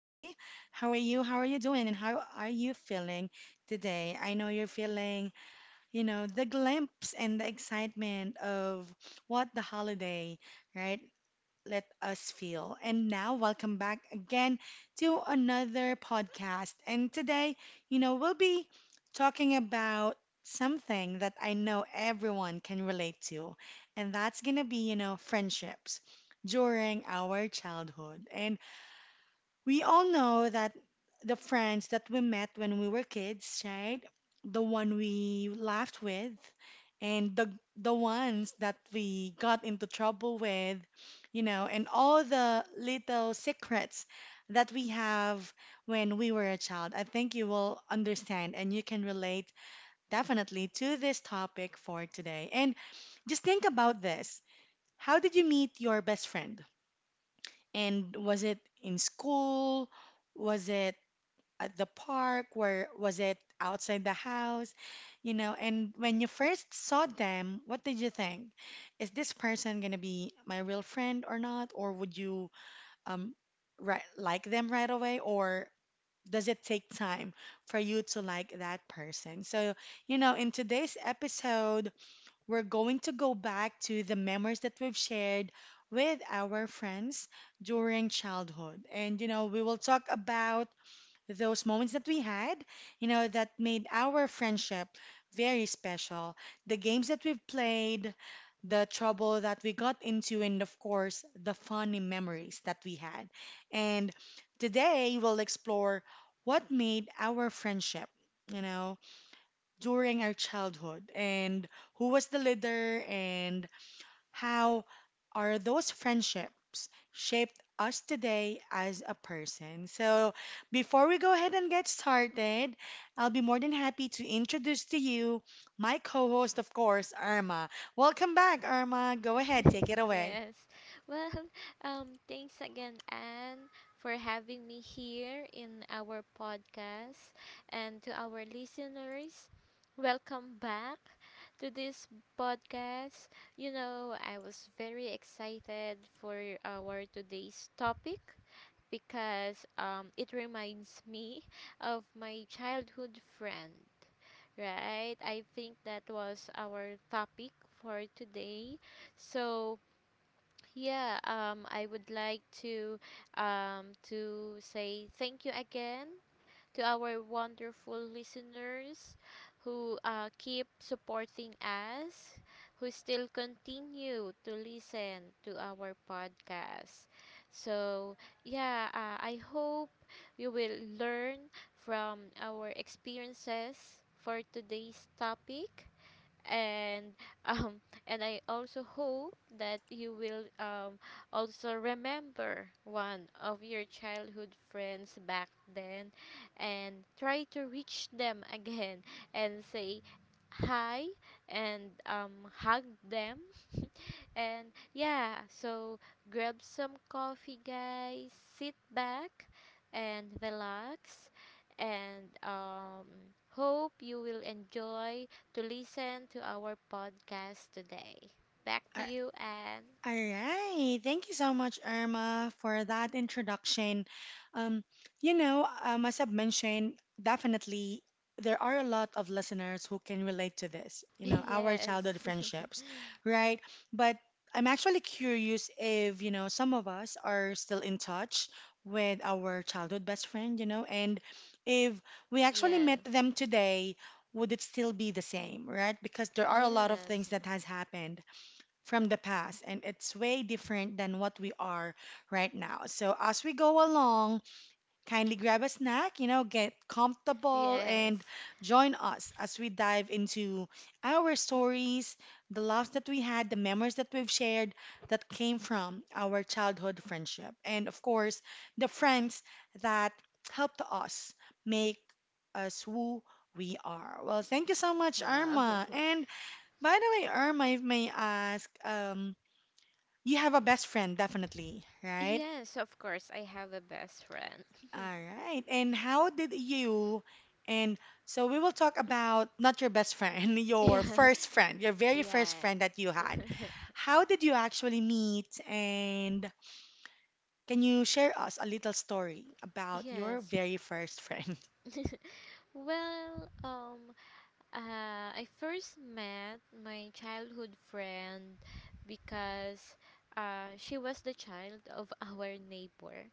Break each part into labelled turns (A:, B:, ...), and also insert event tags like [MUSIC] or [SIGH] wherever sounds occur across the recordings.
A: How are you? How are you doing? And how are you feeling today? I know you're feeling, you know, the glimpse and the excitement of what the holiday, right? let us feel. And now, welcome back again to another podcast. And today, we'll be talking about something that I know everyone can relate to, and that's gonna be, you know, friendships during our childhood. And we all know that the friends that we met when we were kids, right? The one we laughed with and the ones that we got into trouble with, you know, and all the little secrets that we have when we were a child. I think you will understand and you can relate definitely to this topic for today. And just think about this. How did you meet your best friend? And was it in school? Was it at the park where was it outside the house? You know, and when you first saw them, what did you think? Is this person gonna be my real friend or not? Or would you um right like them right away? Or does it take time for you to like that person? So, you know, in today's episode, we're going to go back to the memories that we've shared with our friends during childhood. And, you know, we will talk about those moments that we had, that made our friendship very special. The games that we've played, the trouble that we got into, and of course, the funny memories that we had. And today we'll explore what made our friendship, you know, during our childhood and who was the leader and how are those friendships shaped us today as a person? So, before we go ahead and get started, I'll be more than happy to introduce to you my co host, of course, Irma. Welcome back, Irma. Go ahead, take it
B: [LAUGHS]
A: away.
B: Yes. Well, thanks again, Anne, for having me here in our podcast. And to our listeners, welcome back to this podcast. I was very excited for our today's topic because it reminds me of my childhood friend. Right, I think that was our topic for today. So, yeah, I would like to say thank you again to our wonderful listeners who keep supporting us, who still continue to listen to our podcast. So, yeah, I hope you will learn from our experiences for today's topic and um and I also hope that you will also remember one of your childhood friends back then and try to reach them [LAUGHS] again and say hi and hug them and yeah, so grab some coffee, guys. Sit back and relax. And hope you will enjoy to listen to our podcast today. Back to you, Anne.
A: All right. Thank you so much, Irma, for that introduction. Um, you know, as I've mentioned, definitely there are a lot of listeners who can relate to this, you know, our
B: [LAUGHS] Yes.
A: childhood friendships, right? But I'm actually curious if, you know, some of us are still in touch with our childhood best friend, you know, and if we
B: [LAUGHS]
A: actually met
B: Yes.
A: them today, would it still be the same, right? Because there are a lot of things
B: Yes.
A: that has happened from the past and it's way different than what we are right now. So as we go along, kindly grab a snack, you know, get comfortable and
B: Yes.
A: join us as we dive into our stories, the laughs that we had, the memories that we've shared that came from our childhood friendship. And of course, the friends that helped us make us who we are. Well, thank you so much,
B: Wow.
A: Irma.
B: [LAUGHS]
A: And by the way, Irma, if may ask, you have a best friend, definitely, right?
B: Yes, of course, I have a best friend.
A: All right. And how did you, and so we will talk about
B: Mhm.
A: not your best friend, [LAUGHS]
B: [LAUGHS]
A: your
B: Yeah.
A: first friend, your very first
B: Yeah.
A: friend that you had. How did you actually meet? And can you share us a little story about your
B: Yes.
A: very first friend? [LAUGHS]
B: Well, I first met my childhood friend because she was the child of [LAUGHS] our neighbor.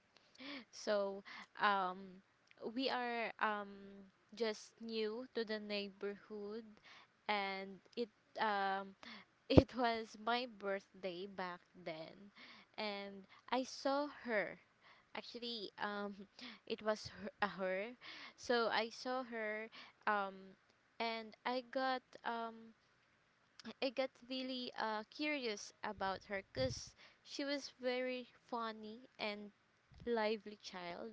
B: So um, we are just new to the neighborhood, and it um, [LAUGHS] it was my birthday back then, and I saw her. Actually, [LAUGHS] it was her, a her. So I saw her, um, and I got really curious about her because she was very funny and lively child,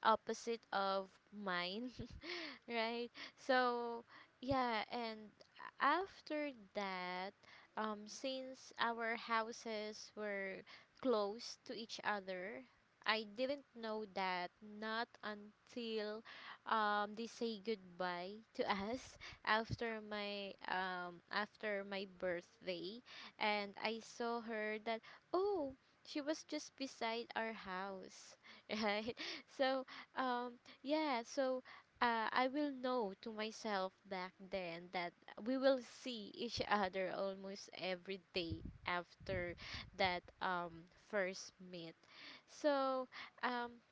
B: opposite of mine, right? So, yeah, and after that, since our houses were close to each other, I didn't know that not until they say goodbye to us [LAUGHS] after my birthday, and I saw her that oh she was just beside our house, [LAUGHS] right? So um, yeah, so I will know to myself back then that we will see each [LAUGHS] other almost every day after that first meet. So um,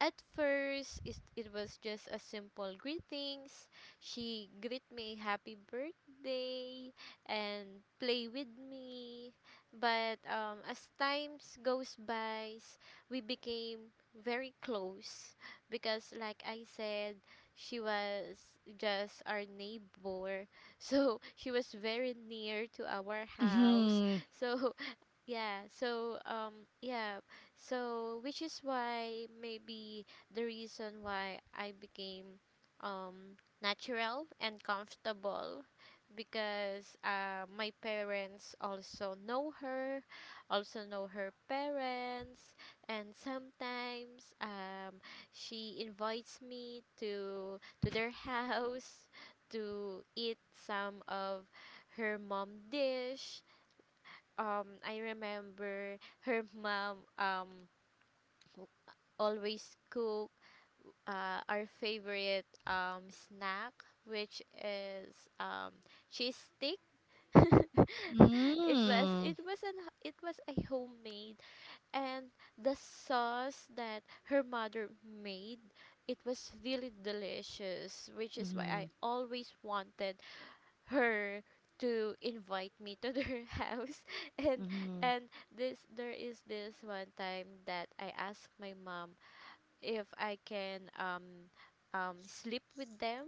B: at first, it was just a simple greetings. She greet me happy birthday and play with me. But as times goes by, we became very close because like I said, she was just our neighbor. [LAUGHS] So she was very near to our house.
A: Mm-hmm.
B: So yeah, so which is why maybe the reason why I became natural and comfortable because my parents also know her parents and sometimes she invites me to their [LAUGHS] house to eat some of her mom dish. I remember her mom always cook our favorite snack which is cheese stick. [LAUGHS] It was
A: Mm-hmm.
B: it was an it was a homemade and the sauce that her mother made, it was really delicious which is why I always wanted her to invite me to their [LAUGHS] house and
A: Mm-hmm.
B: and this there is this one time that I asked my mom if I can sleep with them,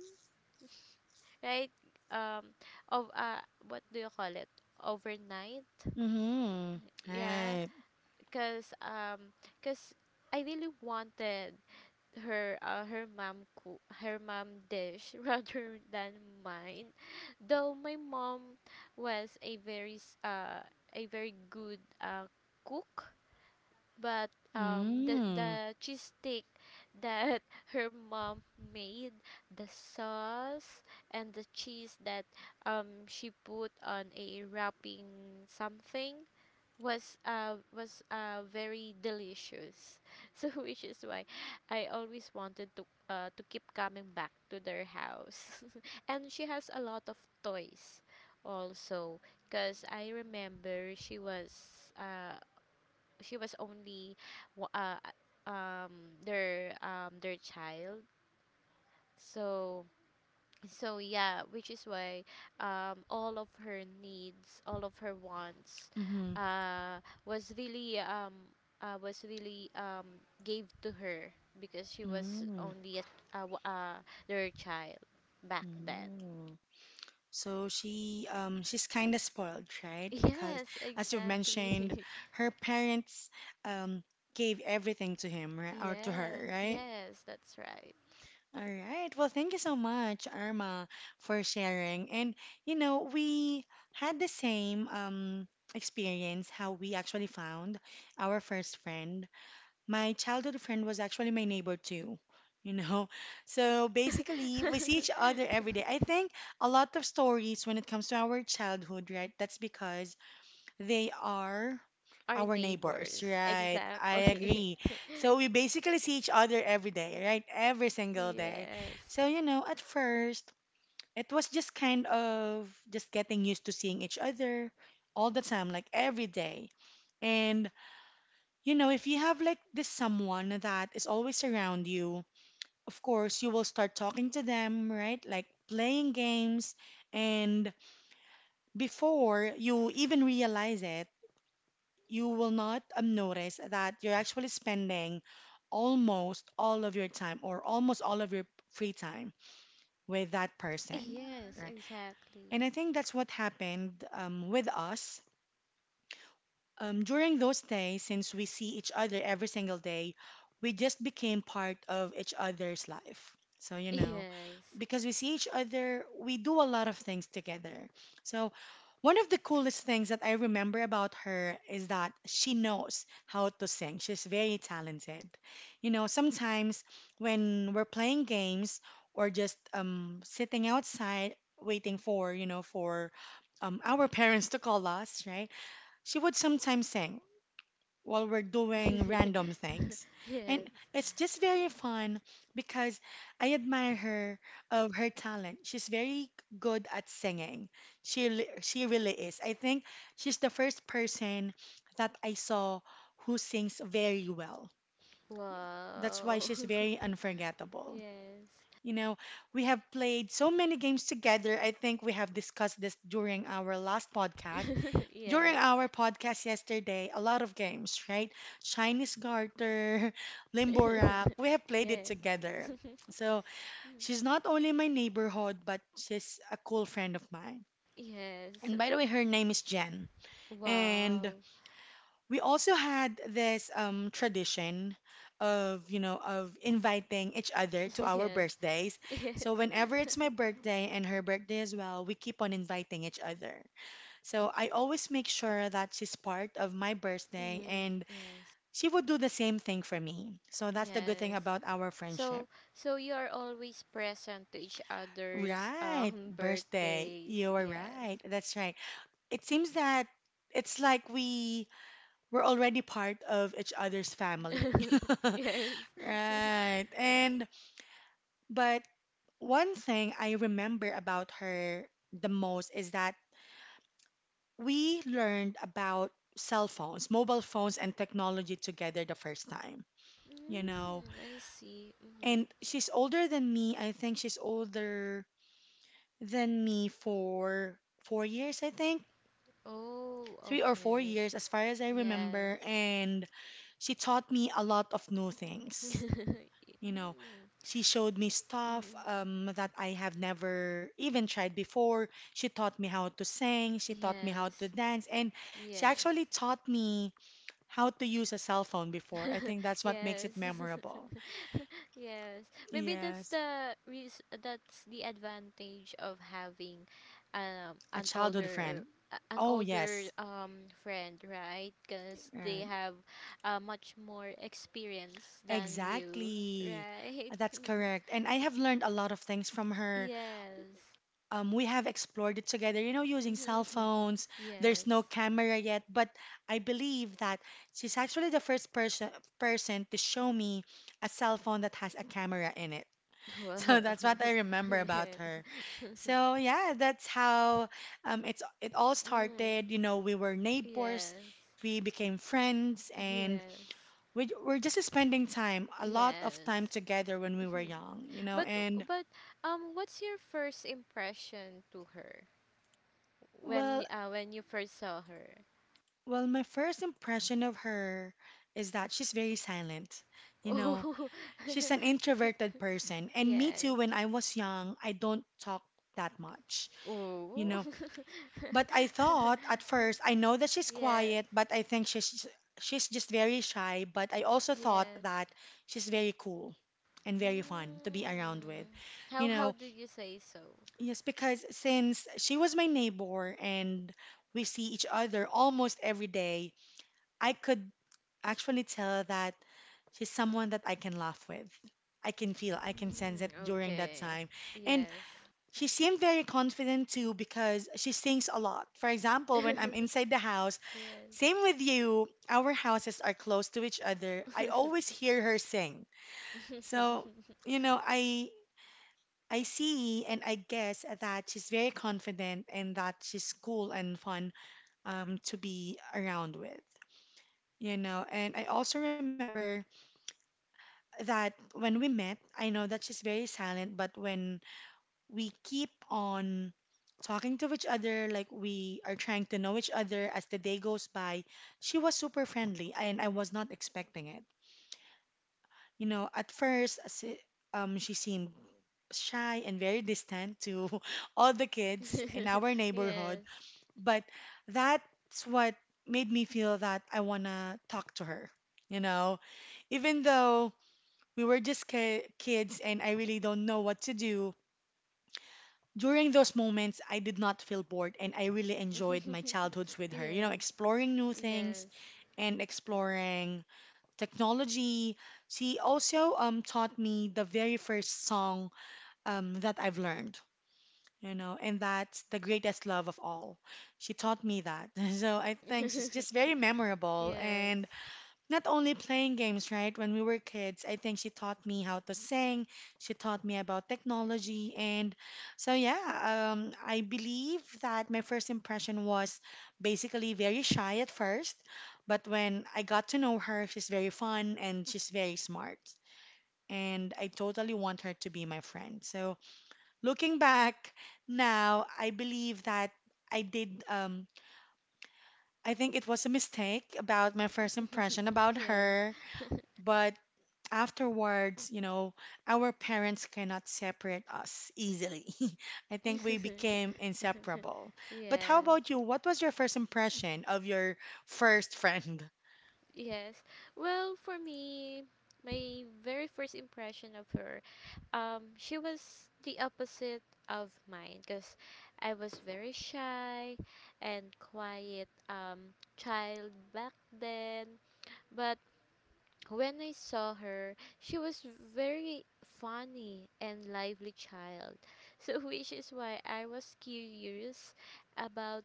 B: right? um of what do you call it, overnight.
A: Mm-hmm. Mm-hmm.
B: Yeah,
A: Right.
B: because um because I really wanted her her mom cook her mom dish [LAUGHS] rather than mine, though my mom was a a very good cook. But um the
A: Mm-hmm.
B: the cheese steak that [LAUGHS] her mom made, the sauce and the cheese that she put on a wrapping something was very delicious. [LAUGHS] So which is why I always wanted to keep coming back to their house [LAUGHS] and she has a lot of toys also because I remember she was she was only wa- uh uh, um their child. So so yeah which is why all of her needs, all of her wants
A: Mm-hmm.
B: uh was really um was really gave to her because she was
A: Mm-hmm.
B: only a their child back then.
A: Mm-hmm. So she she's kind of spoiled, right? Because
B: Yes,
A: as you've
B: exactly.
A: mentioned,
B: [LAUGHS]
A: her parents um gave everything to him right? or to
B: Yeah,
A: her, right?
B: yes, that's right.
A: All right. Well, thank you so much, Irma, for sharing. And you know, we had the same experience how we actually found our first friend. My childhood friend was actually my neighbor too, you know. [LAUGHS] So basically, we see each
B: [LAUGHS]
A: other every day. I think a lot of stories when it comes to our childhood, right? That's because they are
B: Our
A: our neighbors,
B: neighbors,
A: right? I
B: exactly.
A: agree. So
B: [LAUGHS]
A: we basically see each other every day, right? Every single day.
B: Yes.
A: So, you know, at first, it was just kind of just getting used to seeing each other all the time, like every day. And you know, if you have like this someone that is always around you, of course you will start talking to them, right? Like playing games. And before you even realize it, you will not notice that you're actually spending almost all of your time or almost all of your free time with that person,
B: Yes,
A: right?
B: exactly.
A: And I think that's what happened with us. During those days, since we see each other every single day, we just became part of each other's life. So, you know,
B: Yes.
A: because we see each other, we do a lot of things together. So, one of the coolest things that I remember about her is that she knows how to sing. She's very talented. You know, sometimes when we're playing games or just sitting outside waiting for, you know, for our [LAUGHS] parents to call us, right? She would sometimes sing while we're doing random
B: [LAUGHS]
A: things.
B: Yes.
A: And it's just very fun because I admire her of her talent. She's very good at singing. She really is. I think she's the first person that I saw who sings very well. That's why
B: Wow.
A: she's very
B: [LAUGHS]
A: unforgettable.
B: Yes.
A: You know, we have played so many games together. I think we have discussed this during our last podcast
B: [LAUGHS]
A: during
B: Yes.
A: our podcast yesterday, a lot of games, right? Chinese Garter, [LAUGHS]
B: [LAUGHS]
A: Limborak, we have played it
B: Yes.
A: together.
B: [LAUGHS]
A: So she's not only my neighborhood, but she's a cool friend of mine.
B: Yes.
A: And by the
B: [LAUGHS]
A: way, her name is Jen. And
B: Wow.
A: we also had this tradition of, you know, of inviting each other
B: [LAUGHS]
A: to our
B: Yes.
A: birthdays.
B: Yes.
A: So whenever it's my
B: [LAUGHS]
A: birthday and her birthday as well, we keep on inviting each other. So I always make sure that she's part of my birthday
B: Mm,
A: and
B: yes.
A: she would do the same thing for me. So that's the good thing
B: Yes.
A: about our friendship.
B: So so you are always present to each other's
A: Right,
B: [LAUGHS]
A: birthday.
B: birthdays.
A: You're
B: Yes.
A: right. That's right. It seems that it's like we're already part of each other's family.
B: [LAUGHS]
A: [LAUGHS]
B: Yes. [LAUGHS]
A: Right. And but one thing I remember about her the most is that we learned about cell phones, mobile phones and technology together the first time. You
B: Mm,
A: know.
B: I see.
A: And
B: Hmm.
A: she's older than me. I think she's older than me for 4 years, I think.
B: Oh,
A: Three or four
B: okay.
A: years, as far as I remember.
B: Yes.
A: And she taught me a lot of new things,
B: [LAUGHS]
A: you know.
B: Mm,
A: She showed me stuff
B: mm,
A: that I have never even tried before. She taught me how to sing. She taught me how
B: yes.
A: to dance. And she
B: Yes.
A: actually taught me how to use a cell phone before. I think
B: [LAUGHS]
A: that's what makes
B: Yes.
A: it memorable.
B: [LAUGHS] Yes. Maybe
A: Yes.
B: that's the advantage of having um
A: A
B: an
A: childhood friend.
B: older an
A: Oh,
B: older
A: yes.
B: friend, right? Because they
A: Right.
B: have much more experience than you,
A: Exactly.
B: right?
A: That's
B: [LAUGHS]
A: correct. And I have learned a lot of things from her.
B: Yes.
A: We have explored it together, you know, using
B: Mhm.
A: cell
B: [LAUGHS]
A: phones. There's
B: Yes.
A: no camera yet, but I believe that she's actually the first person to show me a cell phone that has a camera in it. [LAUGHS]
B: Wow.
A: So that's what I
B: [LAUGHS]
A: remember about
B: Yes.
A: her.
B: [LAUGHS]
A: So yeah, that's how it's it all
B: Mm.
A: started. You know, we were neighbors,
B: Yes.
A: we became friends, and
B: Yes.
A: we're just spending time, a lot of time
B: Yes.
A: together when
B: [LAUGHS]
A: we were
B: Mhm.
A: young, you know.
B: but
A: And
B: but What's your first impression to her
A: well,
B: when you first saw her?
A: well, my first impression of her is that she's very silent.
B: [LAUGHS]
A: You know,
B: Oh.
A: she's an introverted person,
B: [LAUGHS]
A: and me too.
B: Yes.
A: When I was young, I don't talk that much, you
B: Oh.
A: know. But I
B: [LAUGHS]
A: thought at first, I know that she's
B: Yes.
A: quiet, but I think she's just very shy. But I also thought
B: Yes.
A: that she's very cool and very fun to be around with,
B: Mm.
A: you
B: How
A: know.
B: did you say so?
A: Yes, because since she was my neighbor and we see each other almost every day, I could actually tell that she's someone that I can laugh with. I can feel, I can sense it
B: Mm,
A: during that
B: okay.
A: time. And
B: Yes.
A: she seemed very confident too because she sings a lot. For example, when I'm
B: [LAUGHS]
A: inside the house, same
B: Yes.
A: with you, our houses are close to each other. I always
B: [LAUGHS]
A: hear her sing.
B: Yes.
A: So,
B: [LAUGHS]
A: you know, I see, and I guess that she's very confident and that she's cool and fun to be around with, you know. And I also remember that when we met, I know that she's very silent, but when we keep on talking to each other, like we are trying to know each other as the day goes by, she was super friendly, and I was not expecting it. You know, at first, she seemed shy and very distant to [LAUGHS] all the kids in
B: Yes.
A: our
B: Yes. [LAUGHS]
A: neighborhood, but that's what made me feel that I want to talk to her. You know, even though we were just kids and I really don't know what to do, during those moments, I did not feel bored and I really enjoyed my childhoods with her, you know, exploring new things and exploring technology. She also taught me the very first song that I've learned, you know, and that's the greatest love of all. She taught me that. [LAUGHS] So I think she's
B: Yes.
A: just very
B: [LAUGHS]
A: memorable. And not only playing games, right? When we were kids, I think she taught me how to sing. She taught me about technology. And so, yeah, I believe that my first impression was basically very shy at first. But when I got to know her, she's very fun and she's very smart. And I totally want her to be my friend. So, looking back now, I believe that I did, um, I think it was a mistake about my first impression about her but afterwards, you know, our parents cannot separate us easily. [LAUGHS] I think we
B: Yes.
A: became inseparable.
B: [LAUGHS]
A: But how
B: Yes.
A: about you? What was your first impression of your first friend?
B: Yes. Well, for me, my very first impression of her, she was the opposite of mine because I was very shy and quiet child back then. But when I saw her, she was very funny and lively child. [LAUGHS] So which is why I was curious about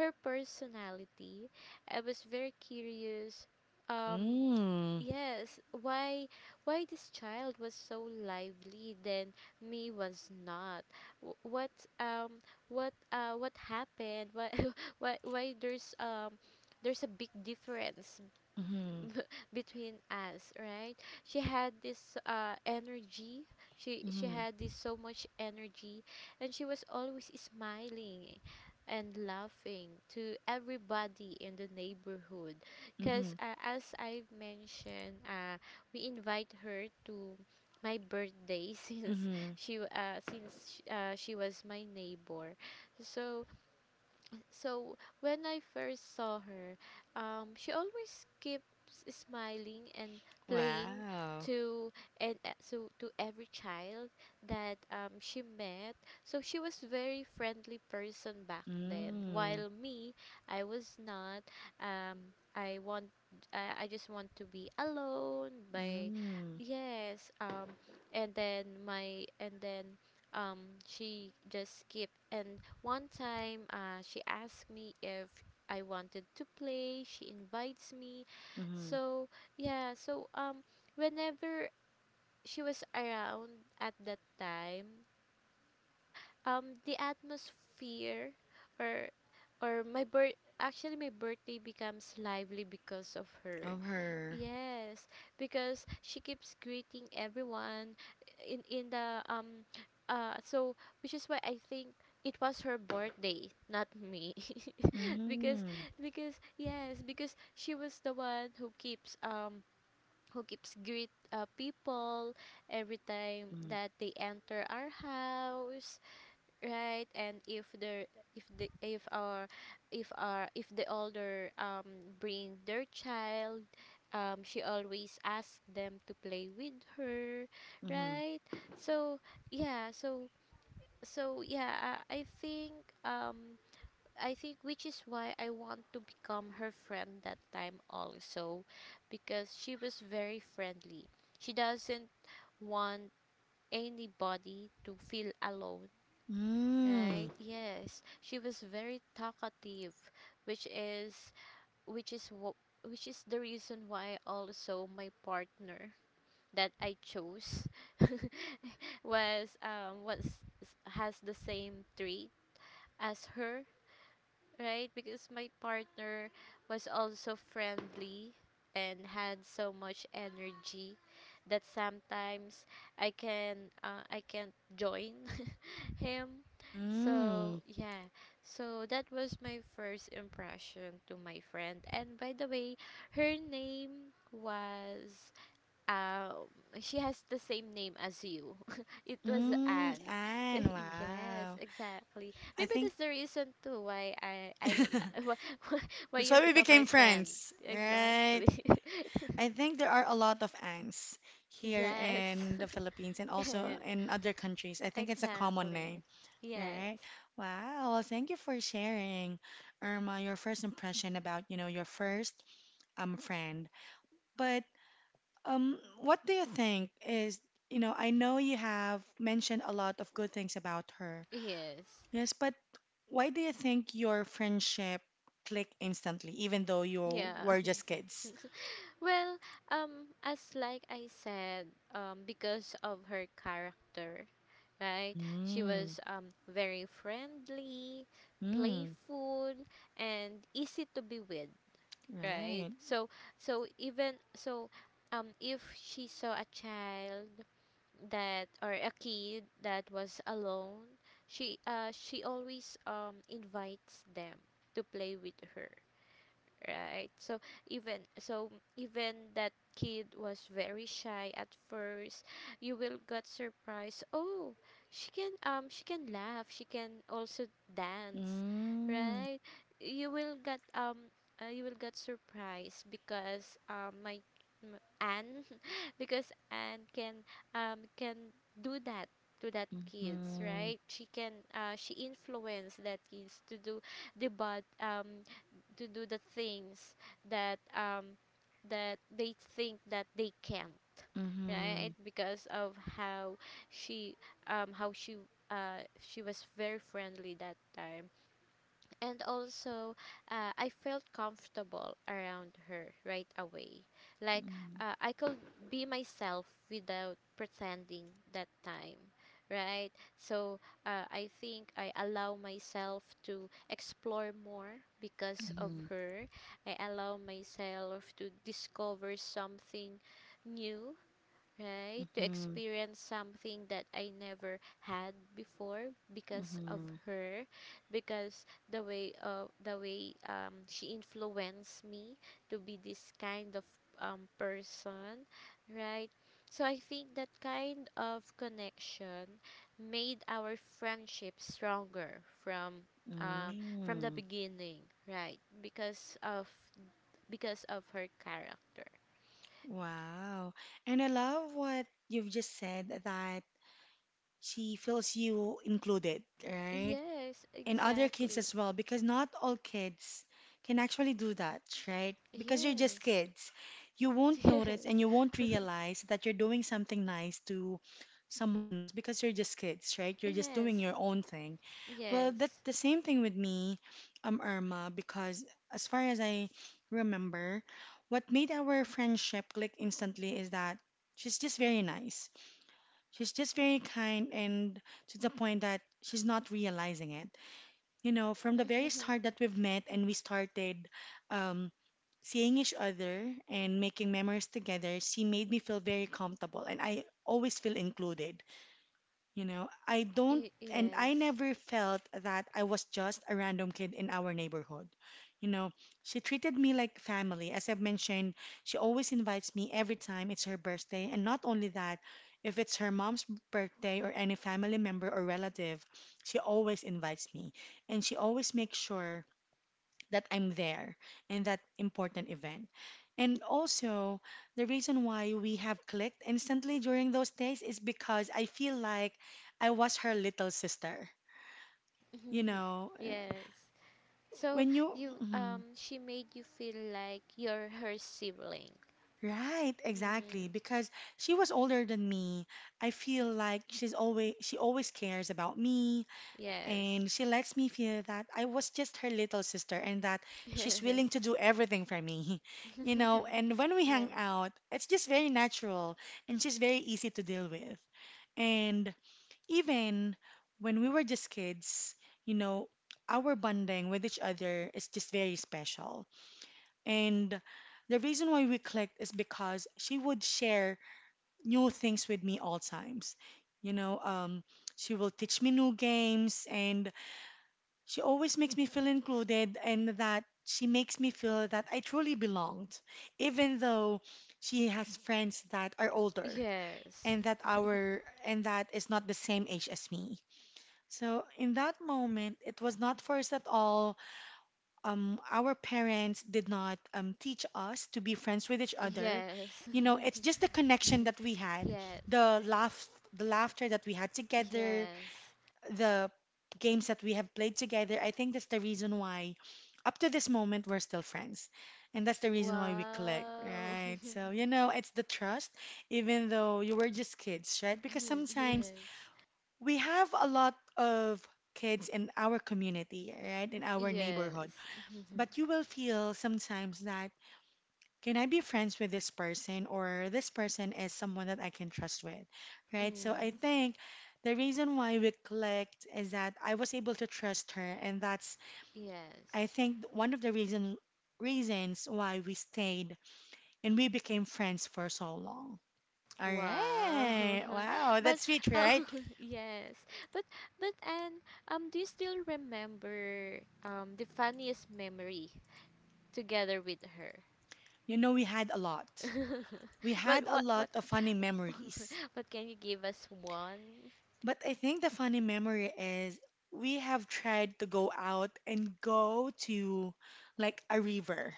B: her personality. I was very curious. um
A: Mm.
B: yes, why this child was so lively then me was not. What um what happened? Why [LAUGHS] why there's a big difference
A: Mm-hmm.
B: [LAUGHS] between us, right? She had this energy. She
A: Mm-hmm.
B: had this so much energy and she was always smiling and laughing to everybody in the neighborhood
A: Mm-hmm.
B: because as I mentioned, we invite her to my birthday [LAUGHS] since
A: Mm-hmm.
B: she w- since sh- she was my neighbor. So so when I first saw her, she always keeps smiling and playing
A: Wow.
B: to and so to every child that she met. So she was very friendly person back then.
A: Mm.
B: While me, I was not. I want. I just want to be alone. By
A: Mm.
B: yes. And then um she just keep. And one time, she asked me if I wanted to play. She invites me.
A: Mm-hmm.
B: So, yeah, so whenever she was around at that time, the atmosphere or or my birth actually my birthday becomes lively because of her.
A: Of her.
B: Yes, because she keeps greeting everyone in the so which is why I think it was her birthday, not me. [LAUGHS] because
A: Mm.
B: because yes, because she was the one who keeps greet people every time
A: Mm.
B: that they enter our house, right. And if the if the if our if our if the older bring their child, she always asks them to play with her,
A: Mm-hmm.
B: right. So yeah, so um I think which is why I want to become her friend that time also, because she was very friendly. She doesn't want anybody to feel alone,
A: Mm.
B: right? Yes. She was very talkative, which is which is what which is the reason why also my partner that I chose [LAUGHS] was has the same trait as her, right? Because my partner was also friendly and had so much energy that sometimes I can I can't join [LAUGHS] him. So
A: Mm.
B: yeah, so that was my first impression to my friend. And by the way, her name was um, she has the same name as you. [LAUGHS] It was
A: Mm.
B: Anne. [LAUGHS]
A: And
B: Yes,
A: wow.
B: exactly.
A: I
B: Maybe
A: think.
B: that's the reason too why
A: [LAUGHS]
B: l- [LAUGHS] why, why
A: That's
B: you
A: why we
B: become my
A: became
B: friend.
A: friends, right?
B: Exactly.
A: I think there are a lot of ants
B: [LAUGHS]
A: here
B: Yes.
A: in the
B: [LAUGHS]
A: Philippines and also
B: Yeah,
A: in other countries. I think it's a common
B: exactly.
A: name,
B: Yes.
A: right? Wow, well, thank you for sharing, Irma, your first impression about, you know, your first friend. But what do you think is, you know, I know you have mentioned a lot of good things about her.
B: Yes.
A: Yes, but why do you think your friendship clicked instantly, even though you
B: Yeah.
A: were just kids?
B: [LAUGHS] Well, as like I said, because of her character, right? She
A: Mm,
B: was very friendly,
A: mm,
B: playful, and easy to be with, right?
A: right.
B: So, so even so, if she saw a child that or a kid that was alone, she always invites them to play with her, right. So even so, even that kid was very shy at first, you will get surprised. Oh, she can laugh, she can also dance,
A: Mm,
B: right. You will get you will get surprised because Anne, [LAUGHS] because Anne can do that to that kids,
A: mm-hmm,
B: right. She can she influenced that kids to do the bad to do the things that that they think that they can't,
A: mm-hmm,
B: right. Because of how she how she was very friendly that time. And also, I felt comfortable around her right away. Like I could be myself without pretending that time, right? So I think I allow myself to explore more because of
A: mm-hmm,
B: her. I allow myself to discover something new, right? To
A: mm-hmm,
B: experience something that I never had before because of
A: mm-hmm,
B: her, because the way she influenced me to be this kind of person, right? So I think that kind of connection made our friendship stronger um, from the
A: mm.
B: beginning, right? Because of her character.
A: Wow. And I love what you've just said that she feels you included, right?
B: Yes,
A: And other kids
B: exactly.
A: as well because not all kids can actually do that, right? Because you're just
B: Yes.
A: kids. You won't notice and you
B: [LAUGHS]
A: won't realize that you're doing something nice to someone else because you're just kids, right? You're
B: Yes. [LAUGHS]
A: just doing
B: Yes.
A: your own thing. Well, that's
B: Yes.
A: the same thing with me, Irma, because as far as I remember, what made our friendship click instantly is that she's just very nice. She's just very kind and to the point that she's not realizing it, you know, from the very start
B: [LAUGHS]
A: that we've met and we started um, seeing each other and making memories together, she made me feel very comfortable and I always feel included. You know, I don't,
B: Y-
A: and I
B: yes.
A: never felt that I was just a random kid in our neighborhood. You know, she treated me like family. As I've mentioned, she always invites me every time it's her birthday. And not only that, if it's her mom's birthday or any family member or relative, she always invites me. And she always makes sure that I'm there in that important event. And also, the reason why we have clicked instantly during those days is because I feel like I was her little sister. You
B: [LAUGHS]
A: know, eh,
B: Yes. So
A: when you.
B: you
A: Mhm.
B: she made you feel like you're her sibling.
A: Right,
B: Hmm.
A: exactly. Because she was older than me. I feel like she always cares about me.
B: Yes.
A: And she lets me feel that I was just her little sister and that
B: [LAUGHS]
A: she's
B: Yes.
A: willing to do everything for me. [LAUGHS] You know,
B: [LAUGHS]
A: and when we hang
B: Yes.
A: out, it's just very natural and she's very easy to deal with. And even when we were just kids, you know, our bonding with each other is just very special. And the reason why we clicked is because she would share new things with me all times. You know, she will teach me new games and she always makes me feel included and that she makes me feel that I truly belonged, even though she has friends that are older
B: Yes.
A: and that our and that is not the same age as me. So in that moment, it was not forced at all. Our parents did not teach us to be friends with each other.
B: Yes.
A: You know, it's
B: [LAUGHS]
A: just the connection that we had,
B: Yes.
A: the laugh, the laughter that we had together,
B: Yes.
A: the games that we have played together, I think that's the reason why up to this moment we're still friends. And that's the reason why we click,
B: Wow.
A: right? So, you know, it's the trust, even though you were just kids, right? Because
B: [LAUGHS]
A: sometimes
B: Yes.
A: we have a lot of kids in our community, right? In our neighborhood.
B: Yes.
A: But you
B: [LAUGHS]
A: will feel sometimes that, can I be friends with this person or this person is someone that I can trust with, right? So I
B: Mm.
A: think the reason why we clicked is that I was able to trust her, and that's, I
B: Yes.
A: think, one of the reasons why we stayed and we became friends for so long. All
B: Wow.
A: right.
B: [LAUGHS]
A: Wow,
B: But
A: that's sweet,
B: uh,
A: right?
B: [LAUGHS] yes. But but and do you still remember the funniest memory together with her?
A: You know, we had a lot. We
B: [LAUGHS] but
A: had a
B: what
A: lot
B: what
A: of funny memories.
B: what can you give us one?
A: But I think the funny memory is we have tried to go out and go to like a river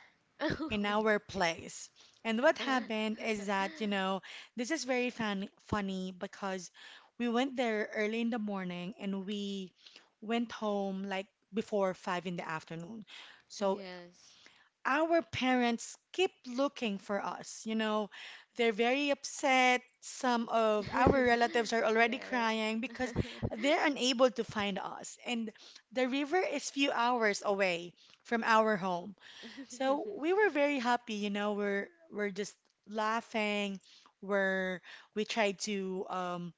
A: in our place. And what
B: [LAUGHS]
A: happened is that, you know, this is very funny because we went there early in the morning and we went home like before 5 in the afternoon. So
B: Yes.
A: our parents keep looking for us. You know, they're very upset. Some of our
B: [LAUGHS]
A: relatives are already
B: Yes.
A: crying because they're unable to find us. And the river is few hours away from our home. So we were very happy, you know, we're just laughing. We're we tried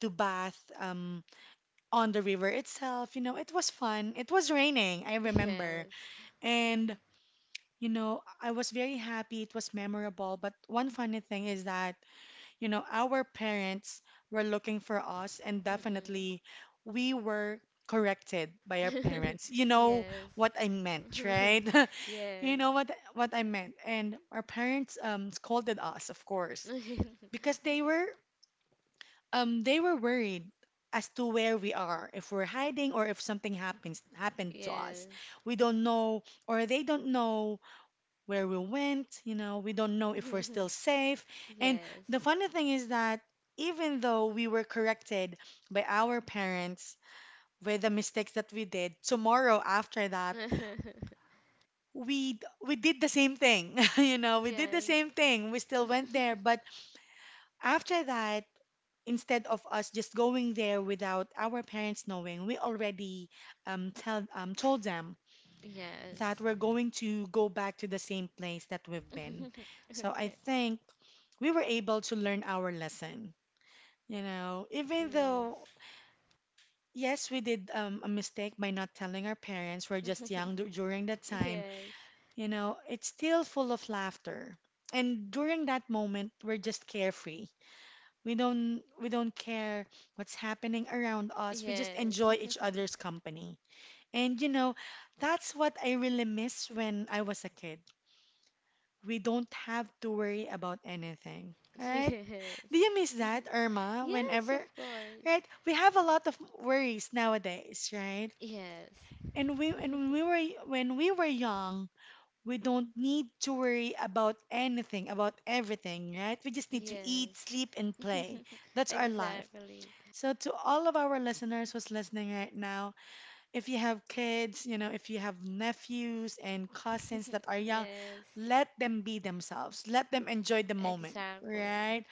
A: to bath on the river itself. You know, it was fun. It was raining, I
B: [LAUGHS]
A: remember.
B: Yes. [LAUGHS]
A: And you know, I was very happy. It was memorable. But one funny thing is that, you know, our parents were looking for us, and
B: Mm-mm.
A: definitely we were corrected by our parents. You
B: [LAUGHS]
A: know
B: Yes.
A: what I meant, right?
B: [LAUGHS]
A: [LAUGHS] You
B: Yes.
A: know what I meant. And our parents scolded us, of course, because
B: [LAUGHS]
A: they were worried as to where we are, if we're hiding or if something happens happened to us.
B: Yes.
A: We don't know or they don't know where we went. You know, we don't know if we're still
B: [LAUGHS]
A: safe. And
B: Yes.
A: the funny thing is that even though we were corrected by our parents with the mistakes that we did, tomorrow after that,
B: [LAUGHS]
A: we we did the same thing. [LAUGHS] You know, we did the
B: Yes.
A: same thing. We still went there, but after that, instead of us just going there without our parents knowing, we already tell told them that
B: Yes.
A: we're going to go back to the same place that we've been. So I
B: [LAUGHS] Okay.
A: think we were able to learn our lesson. You know, even though,
B: Yes.
A: yes, we did a mistake by not telling our parents, we're just young
B: [LAUGHS]
A: during that time,
B: Yes.
A: you know, it's still full of laughter. And during that moment, we're just carefree. We don't care what's happening around us. We just
B: Yes.
A: enjoy each
B: [LAUGHS]
A: other's company. And you know, that's what I really miss when I was a kid. We don't have to worry about anything. All right?
B: Yes.
A: Do you miss that,
B: [LAUGHS]
A: Irma?
B: Yes, of
A: Whenever.
B: course.
A: Right? We have a lot of worries nowadays, right?
B: Yes.
A: And we and when we were young, we don't need to worry about anything, about everything, right? We just need to eat,
B: Yes.
A: sleep, and play.
B: [LAUGHS]
A: That's our life.
B: Exactly.
A: So to all of our listeners who's listening right now, if you have kids, you know, if you have nephews and cousins that are
B: [LAUGHS]
A: young,
B: Yes.
A: let them be themselves. Let them enjoy the moment,
B: Exactly.
A: right?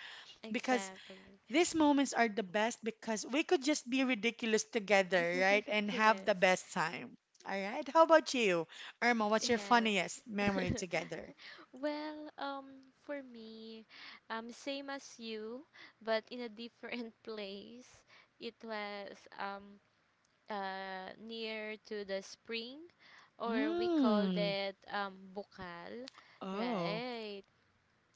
A: Because
B: Exactly.
A: these moments are the best because we could just be ridiculous together, right? And
B: [LAUGHS]
A: have the
B: Yes.
A: best time. All right. How about you, Irma? What's your
B: Yes.
A: funniest memory
B: [LAUGHS]
A: together?
B: Well, for me, same as you, but in a different [LAUGHS] place. It was near to the spring, or we call
A: Mm.
B: that bukal,
A: Oh.
B: right?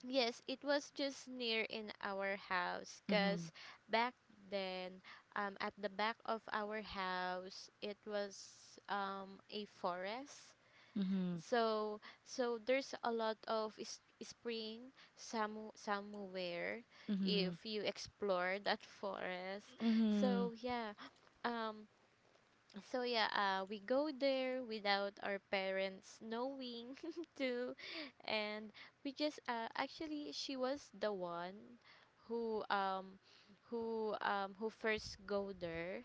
B: Yes, it was just near in our house,
A: Mhm.
B: cause back then, at the back of our house, it was a forest.
A: Mhm.
B: So there's a lot of s- spring somewhere
A: Mhm.
B: if you explore that forest.
A: Mhm.
B: So yeah, um so yeah, we go there without our parents knowing [LAUGHS] too, and we just actually she was the one who um who first go there.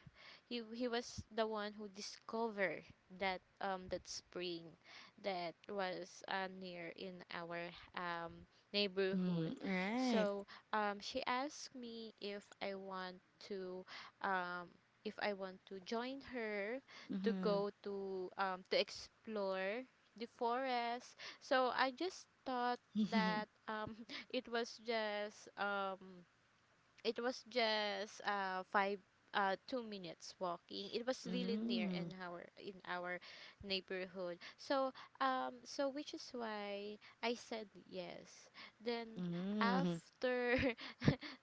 B: He was the one who discovered that spring that was near in our
A: Mhm.
B: neighborhood.
A: Right.
B: So she asked me if I want to, um join her to
A: Mhm.
B: go to, to explore the forest. So I just thought
A: Mhm.
B: that, [LAUGHS] it was just, five, 2 minutes walking. It was really near
A: Mhm.
B: in our neighborhood. So which is why I said yes. Then
A: Mhm.
B: after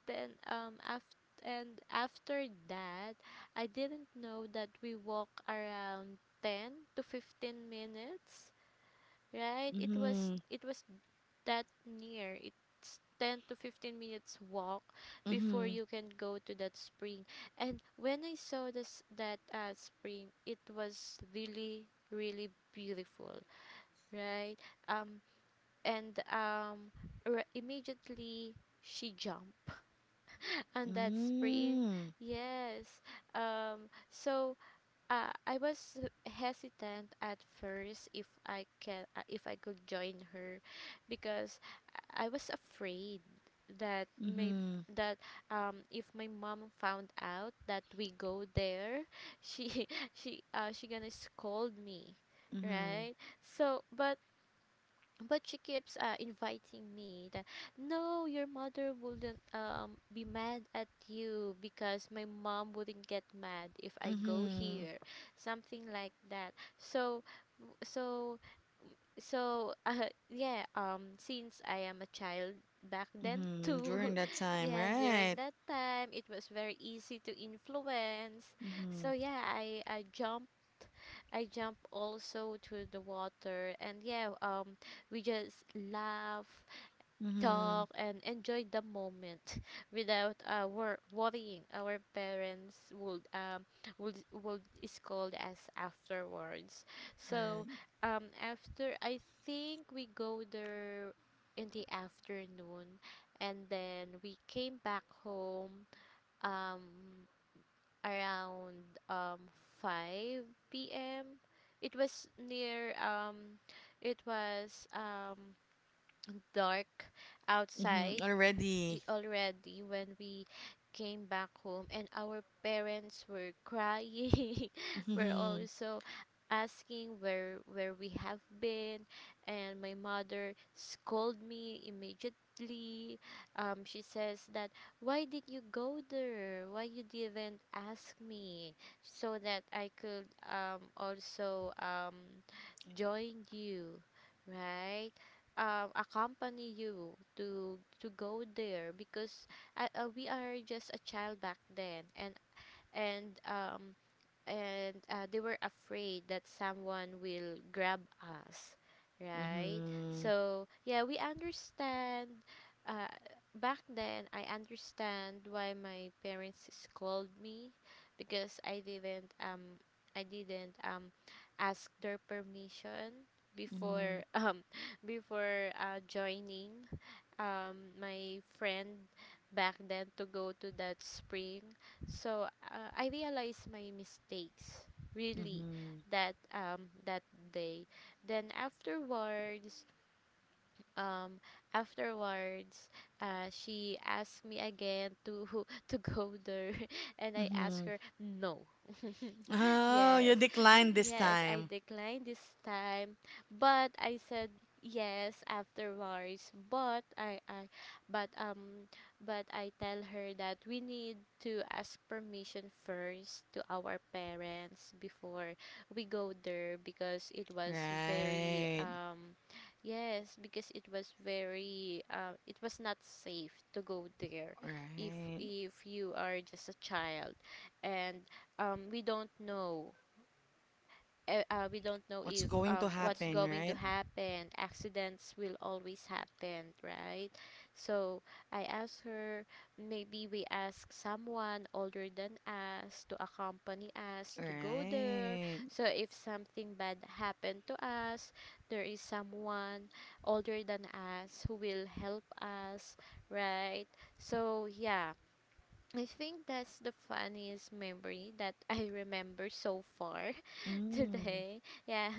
B: [LAUGHS] then after and after that, I didn't know that we walk around 10 to 15 minutes. Right, it was,
A: Mhm.
B: it was that near. It's 10 to 15 minutes walk before
A: Mhm.
B: you can go to that spring. And when I saw this that spring, it was really, really beautiful, right? um and um Immediately she jumped and that spring,
A: Mhm.
B: yes. So, I was hesitant at first if I can, if I could join her, because I was afraid that, may
A: Mhm.
B: that if my mom found out that we go there, she [LAUGHS] she gonna scold me,
A: Mhm.
B: right. So but but she keeps, inviting me, that no, your mother wouldn't, be mad at you, because my mom wouldn't get mad if I go
A: Mhm.
B: here, something like that. So, so [LAUGHS] yeah, since I am a child back then
A: Mhm. [LAUGHS]
B: too.
A: During that
B: [LAUGHS]
A: time,
B: Yeah, during
A: right?
B: that time it was very easy to influence. So
A: Mhm.
B: yeah, I jump also to the water. And yeah, we just laugh,
A: Mm-hmm.
B: talk and enjoy the moment [LAUGHS] without worrying our parents would scold us afterwards. So
A: Right.
B: after I think we go there in the afternoon, and then we came back home um around, 5 p.m. It was near, it was dark
A: Mm-hmm.
B: outside i-
A: Already.
B: already when we came back home, and our parents were crying [LAUGHS] were
A: Mm-hmm.
B: also asking where we have been. And my mother scolded me immediately. She says that, why did you go there, why you didn't ask me, so that I could, also, join you, right? Accompany you to go there, because we are just a child back then, and um and they were afraid that someone will grab us, right.
A: Mm-hmm.
B: So yeah, we understand. uh, Back then I understand why my parents scold me, because I didn't ask their permission
A: Mm-hmm.
B: before [LAUGHS] before, joining, my friend back then to go to that spring. So I realized my mistakes really
A: Mm-hmm.
B: that day. Then afterwards, um afterwards she asked me again to [LAUGHS] to go there [LAUGHS] and I asked
A: Mm-hmm.
B: her no. [LAUGHS]
A: Oh, you
B: yes y-
A: declined this
B: yes I
A: time.
B: declined this time. But I said yes afterwards. But I I but um but I tell her that we need to ask permission first to our parents before we go there, because it was very
A: Right.
B: Yes, because it was very, it was not safe to go there if
A: Right.
B: if you are just a child. And we don't know,
A: What's
B: if,
A: going to
B: what's
A: happen,
B: going to
A: right?
B: happen. Accidents will always happen, right? So I asked her, maybe we ask someone older than us to accompany us to go there.
A: Right.
B: So if something bad happened to us, there is someone older than us who will help us, right? So yeah. I think that's the funniest memory that I [LAUGHS] remember so far
A: Mm.
B: today. Yeah.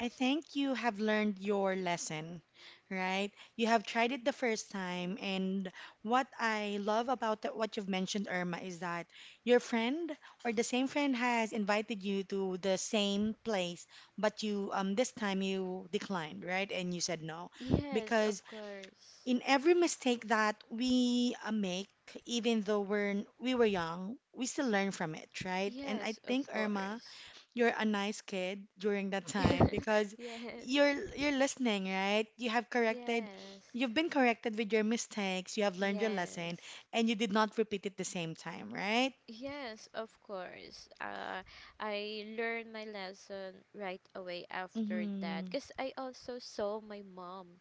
A: I think you have learned your lesson, right? You have tried it the first time, and what I love about what you've mentioned, Irma, is that your friend or the same friend has invited you to the same place, but you this time you declined, right? And you said no,
B: [LAUGHS] Yes, of
A: because
B: course.
A: in every mistake that we make, even though we were young, we still learn from it, right? And I
B: Yes,
A: think,
B: of
A: Irma,
B: course.
A: you're a nice kid during that time because
B: [LAUGHS] Yes.
A: you're you're listening, right? You have corrected,
B: Yes.
A: you've been corrected with your mistakes, you have learned your lesson,
B: Yes.
A: and you did not repeat it the same time, right?
B: Yes, of course. I learned my lesson right away after that
A: Mm-hmm.
B: because I also saw my mom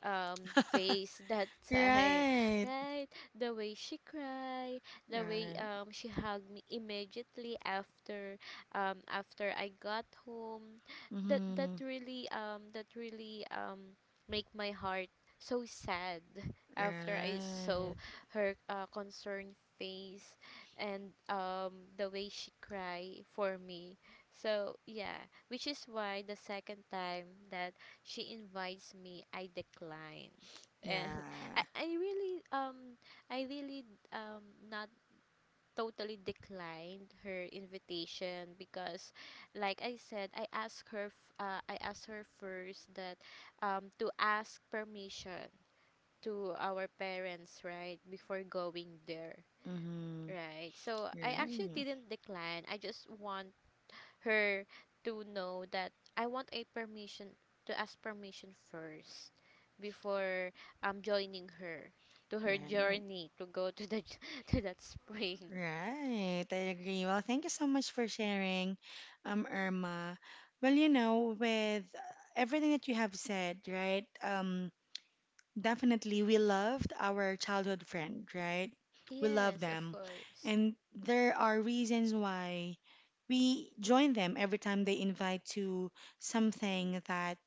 A: [LAUGHS]
B: face that time. [LAUGHS]
A: Right.
B: Right, the way she cried, the way
A: Right.
B: she hugged me immediately after, after I got home, that that
A: Mm-hmm.
B: really um that really um make my heart so sad after I saw
A: Right.
B: her, concerned face, and the way she cried for me. So yeah, which is why the second time that she invites me, I decline. And [LAUGHS] I,
A: Yeah.
B: I really, i really not totally declined her invitation, because like I said, I asked her first that, to ask permission to our parents right before going there,
A: Mm-hmm.
B: right? So I actually
A: Right.
B: didn't decline, I just want her to know that I want a permission, to ask permission first before, joining her to her
A: Right.
B: journey to go to the [LAUGHS] to that spring.
A: Right, I agree. Well, thank you so much for sharing, Irma. Well, you know, with everything that you have said, right? Definitely we loved our childhood friend, right? We love
B: Yes, of
A: them.
B: course.
A: And there are reasons why we join them every time they invite to something that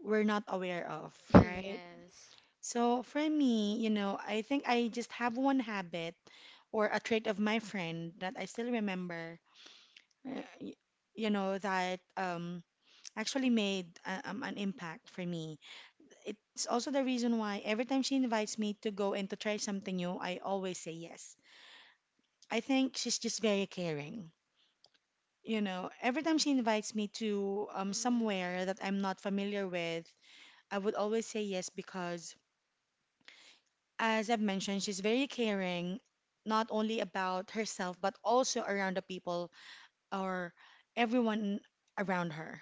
A: we're not aware of,
B: [LAUGHS]
A: right?
B: Yes.
A: So for me, I think I just have one habit or a trait of my friend that I still remember, uh, y- that actually made an impact for me. It's also the reason why every time she invites me to go and to try something new, I always say yes. I think she's just very caring. You know, every time she invites me to
B: Mm,
A: somewhere that I'm not familiar with, I would always say yes because as I've mentioned, she's very caring, not only about herself, but also around the people or everyone around her.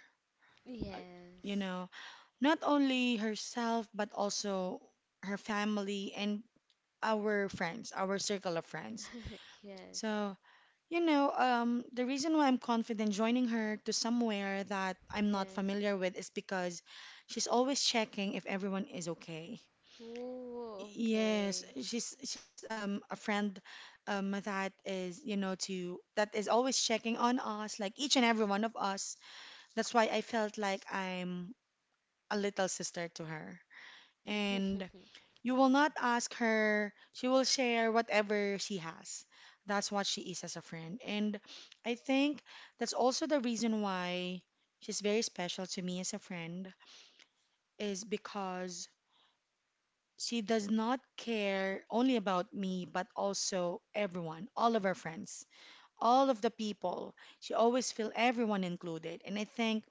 A: Uh, You
B: yes.
A: know, not only herself, but also her family and our friends, our circle of friends.
B: [LAUGHS] Yes.
A: So, the reason why I'm confident joining her to somewhere that I'm not
B: Yes.
A: familiar with is because she's always checking if everyone is okay.
B: Ooh,
A: Yes,
B: okay.
A: she's a friend that is you know to that is always checking on us like each and every one of us. That's why I felt like I'm a little sister to her. And
B: [LAUGHS]
A: you will not ask her, she will share whatever she has. That's what she is as a friend. And I think that's also the reason why she's very special to me as a friend is because she does not care only about me, but also everyone, all of her friends, all of the people. She always feel everyone included. And I think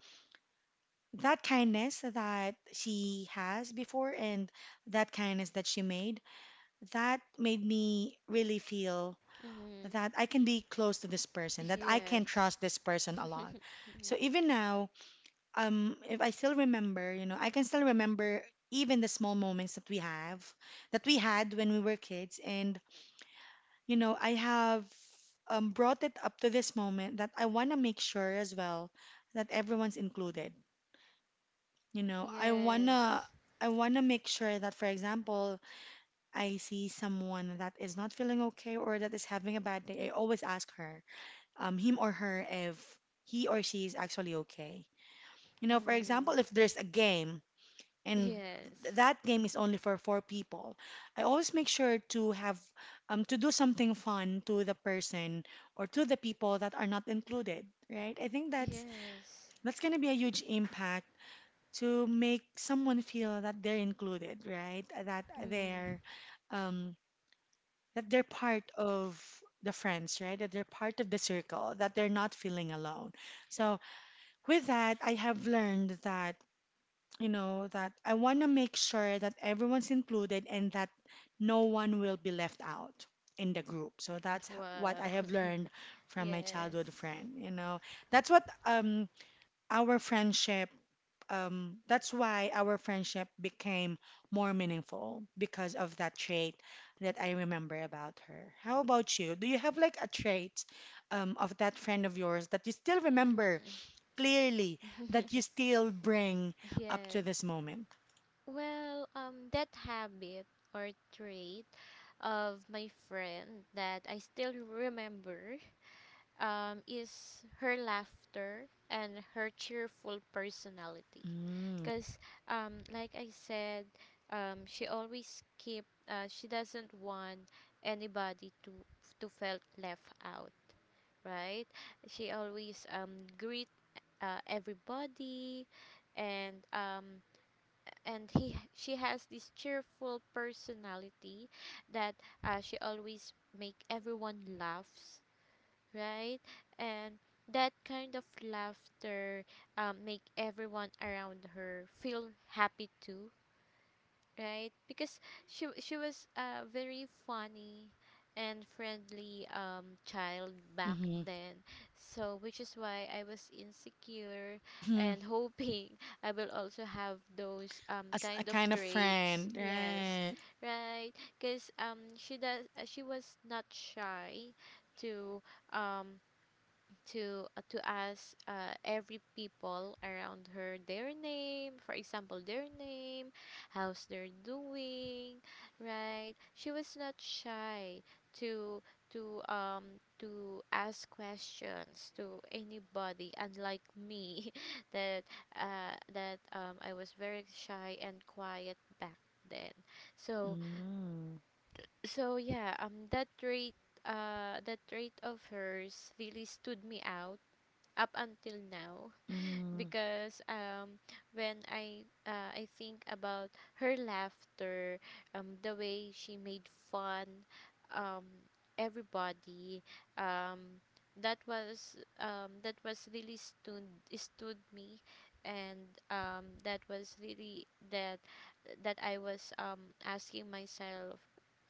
A: that kindness that she has before and that kindness that she made, that made me really feel
B: Mm,
A: that I can be close to this person, that I can
B: yes.
A: trust this person a lot.
B: Mm,
A: So even now, if I still remember, I can still remember even the small moments that we have that we had when we were kids. And I have brought it up to this moment that I want to make sure as well that everyone's included. You know, I want to
B: yes.
A: I want to make sure that, for example, I see someone that is not feeling okay or that is having a bad day. I always ask her, him or her, if he or she is actually okay. You know, for example,
B: Mm,
A: if there's a game, and
B: yes.
A: that game is only for four people. I always make sure to do something fun to the person or to the people that are not included, right? I think that's
B: Yes.
A: that's gonna be a huge impact to make someone feel that they're included, right? That
B: Mhm.
A: they're um part of the friends, right? That they're part of the circle, that they're not feeling alone. So with that, I have learned that that I want to make sure that everyone's included and that no one will be left out in the group. So what I
B: Wow.
A: have learned
B: [LAUGHS]
A: from my childhood
B: Yes.
A: friend. That's what um our friendship that's why our friendship became more meaningful because of that trait that I remember about her. How about you? Do you have like a trait of that friend of yours that you still remember
B: Mhm.
A: clearly that you
B: [LAUGHS]
A: still bring up to this
B: Yes.
A: moment?
B: Well, that habit or trait of my friend that I still remember, is her laughter and her cheerful personality.
A: Mm.
B: Cuz, like I said, she always keep, she doesn't want anybody to felt left out, right? She always, greet, everybody, and, and he she has this cheerful personality that, she always make everyone laughs, right. And that kind of laughter, make everyone around her feel happy too, right? Because she was a very funny and friendly child back
A: Mhm.
B: then. So which is why I was insecure
A: Mhm.
B: and hoping [LAUGHS] I will also have those
A: As a
B: kind of
A: kind of
B: traits.
A: friend,
B: Yes.
A: right?
B: Right? Cuz, she was not shy to, um to ask, every people around her their name, for example, their name, how's they're doing, right? She was not shy to, ask questions to anybody, unlike me, [LAUGHS] that that I was very shy and quiet back then. So,
A: Mm.
B: yeah, that trait, of hers really stood me out up until now.
A: Mhm.
B: Because, when I think about her laughter, the way she made fun, um everybody, um that was really stood me. And, that was really, that I was, asking myself,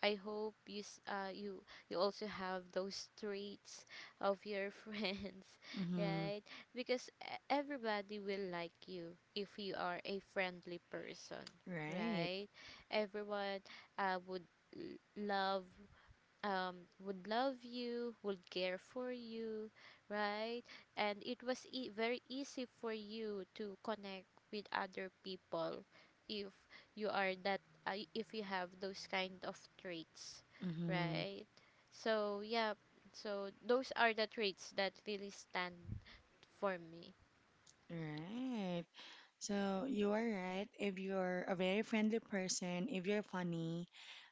B: I hope you s- you you also have those traits of your [LAUGHS] friends,
A: Mhm.
B: right? Because everybody will like you if you are a friendly person,
A: Right.
B: right? Everyone, would, l- love love you, would care for you, right? And it was very easy for you to connect with other people if you are that if you have those kind of traits,
A: Mhm.
B: right? So yeah, so those are the traits that really stand for me.
A: Right. So you are right. If you're a very friendly person, if you're funny,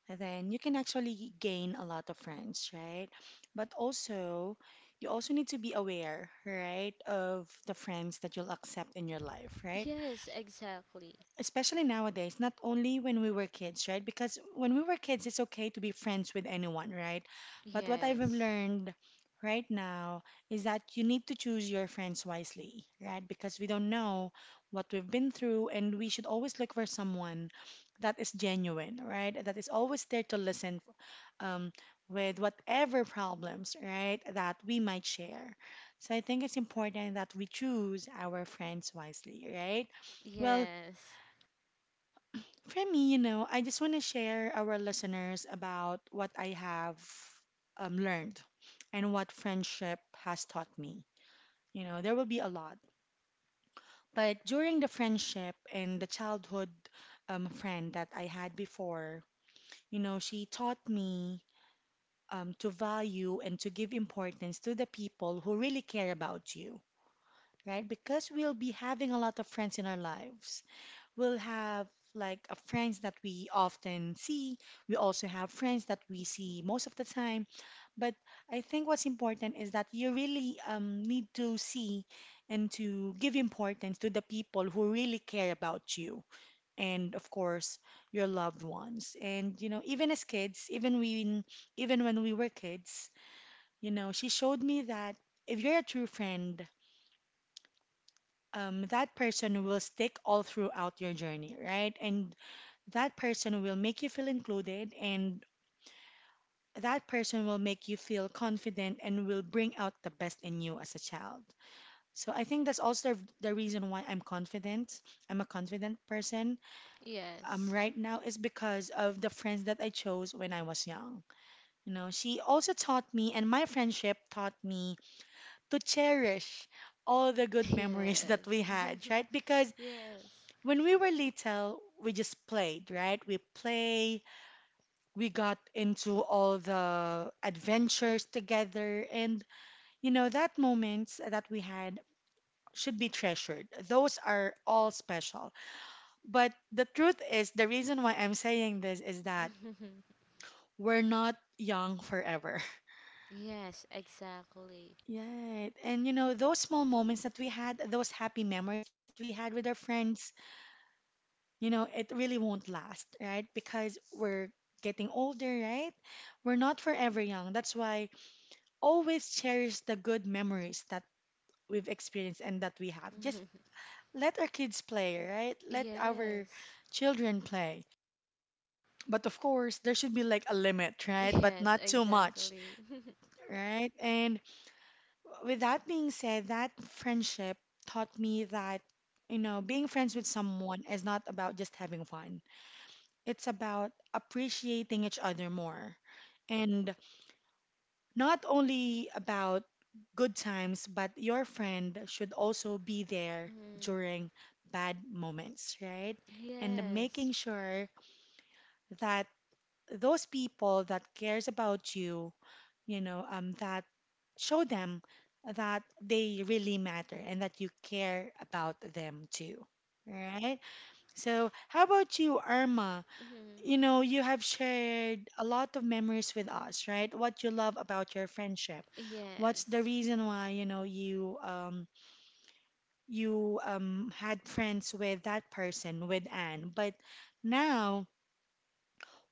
A: then you can actually gain a lot of friends, right? But also, you also need to be aware, right, of the friends that you'll accept in your life, right?
B: Yes, exactly.
A: Especially nowadays, not only when we were kids, right? Because when we were kids, it's okay to be friends with anyone, right? But what I've
B: Yes.
A: learned right now is that you need to choose your friends wisely, right? Because we don't know what we've been through, and we should always look for someone that is genuine, right? That is always there to listen, um, with whatever problems, right, that we might share. So I think it's important that we choose our friends wisely, right? Well,
B: Yes.
A: for me, I just want to share our listeners about what I have, learned and what friendship has taught me. You know, there will be a lot. But during the friendship and the childhood friend that I had before, she taught me to value and to give importance to the people who really care about you, right? Because we'll be having a lot of friends in our lives. We'll have like a friends that we often see. We also have friends that we see most of the time. But I think what's important is that you really, need to see and to give importance to the people who really care about you, and of course your loved ones. And even as kids, even when we were kids, she showed me that if you're a true friend, that person will stick all throughout your journey, right? And that person will make you feel included, and that person will make you feel confident and will bring out the best in you as a child. So I think that's also the reason why I'm confident. I'm a confident person.
B: Yes.
A: Right now is because of the friends that I chose when I was young. You know, she also taught me, and my friendship taught me to cherish all the
B: [LAUGHS]
A: good memories [LAUGHS] that we
B: Yes.
A: had, right? Because
B: [LAUGHS] Yes.
A: when we were little, we just played, right? We play, we got into all the adventures together. And you know that moments that we had should be treasured. Those are all special. But the truth is, the reason why I'm saying this is that
B: [LAUGHS]
A: we're not young forever.
B: Yes,
A: [LAUGHS]
B: exactly.
A: Yeah, and you know those small moments that we had, those happy memories that we had with our friends, it really won't last, right? Because we're getting older, right? We're not forever young. That's why always cherish the good memories that we've experienced and that we have. Just
B: [LAUGHS]
A: let our kids play, right? Let our
B: Yes.
A: children play. But of course, there should be like a limit, right? But
B: Yes,
A: not too much,
B: exactly. [LAUGHS]
A: right? And with that being said, that friendship taught me that, being friends with someone is not about just having fun. It's about appreciating each other more. And not only about good times, but your friend should also be there
B: Mm,
A: during bad moments, right? And
B: yes.
A: making sure that those people that cares about you, that show them that they really matter and that you care about them too, right? So, how about you, Irma?
B: Mhm.
A: You know, you have shared a lot of memories with us, right? What you love about your friendship. What's the
B: Yes.
A: reason why, you had friends with that person, with Anne. But now,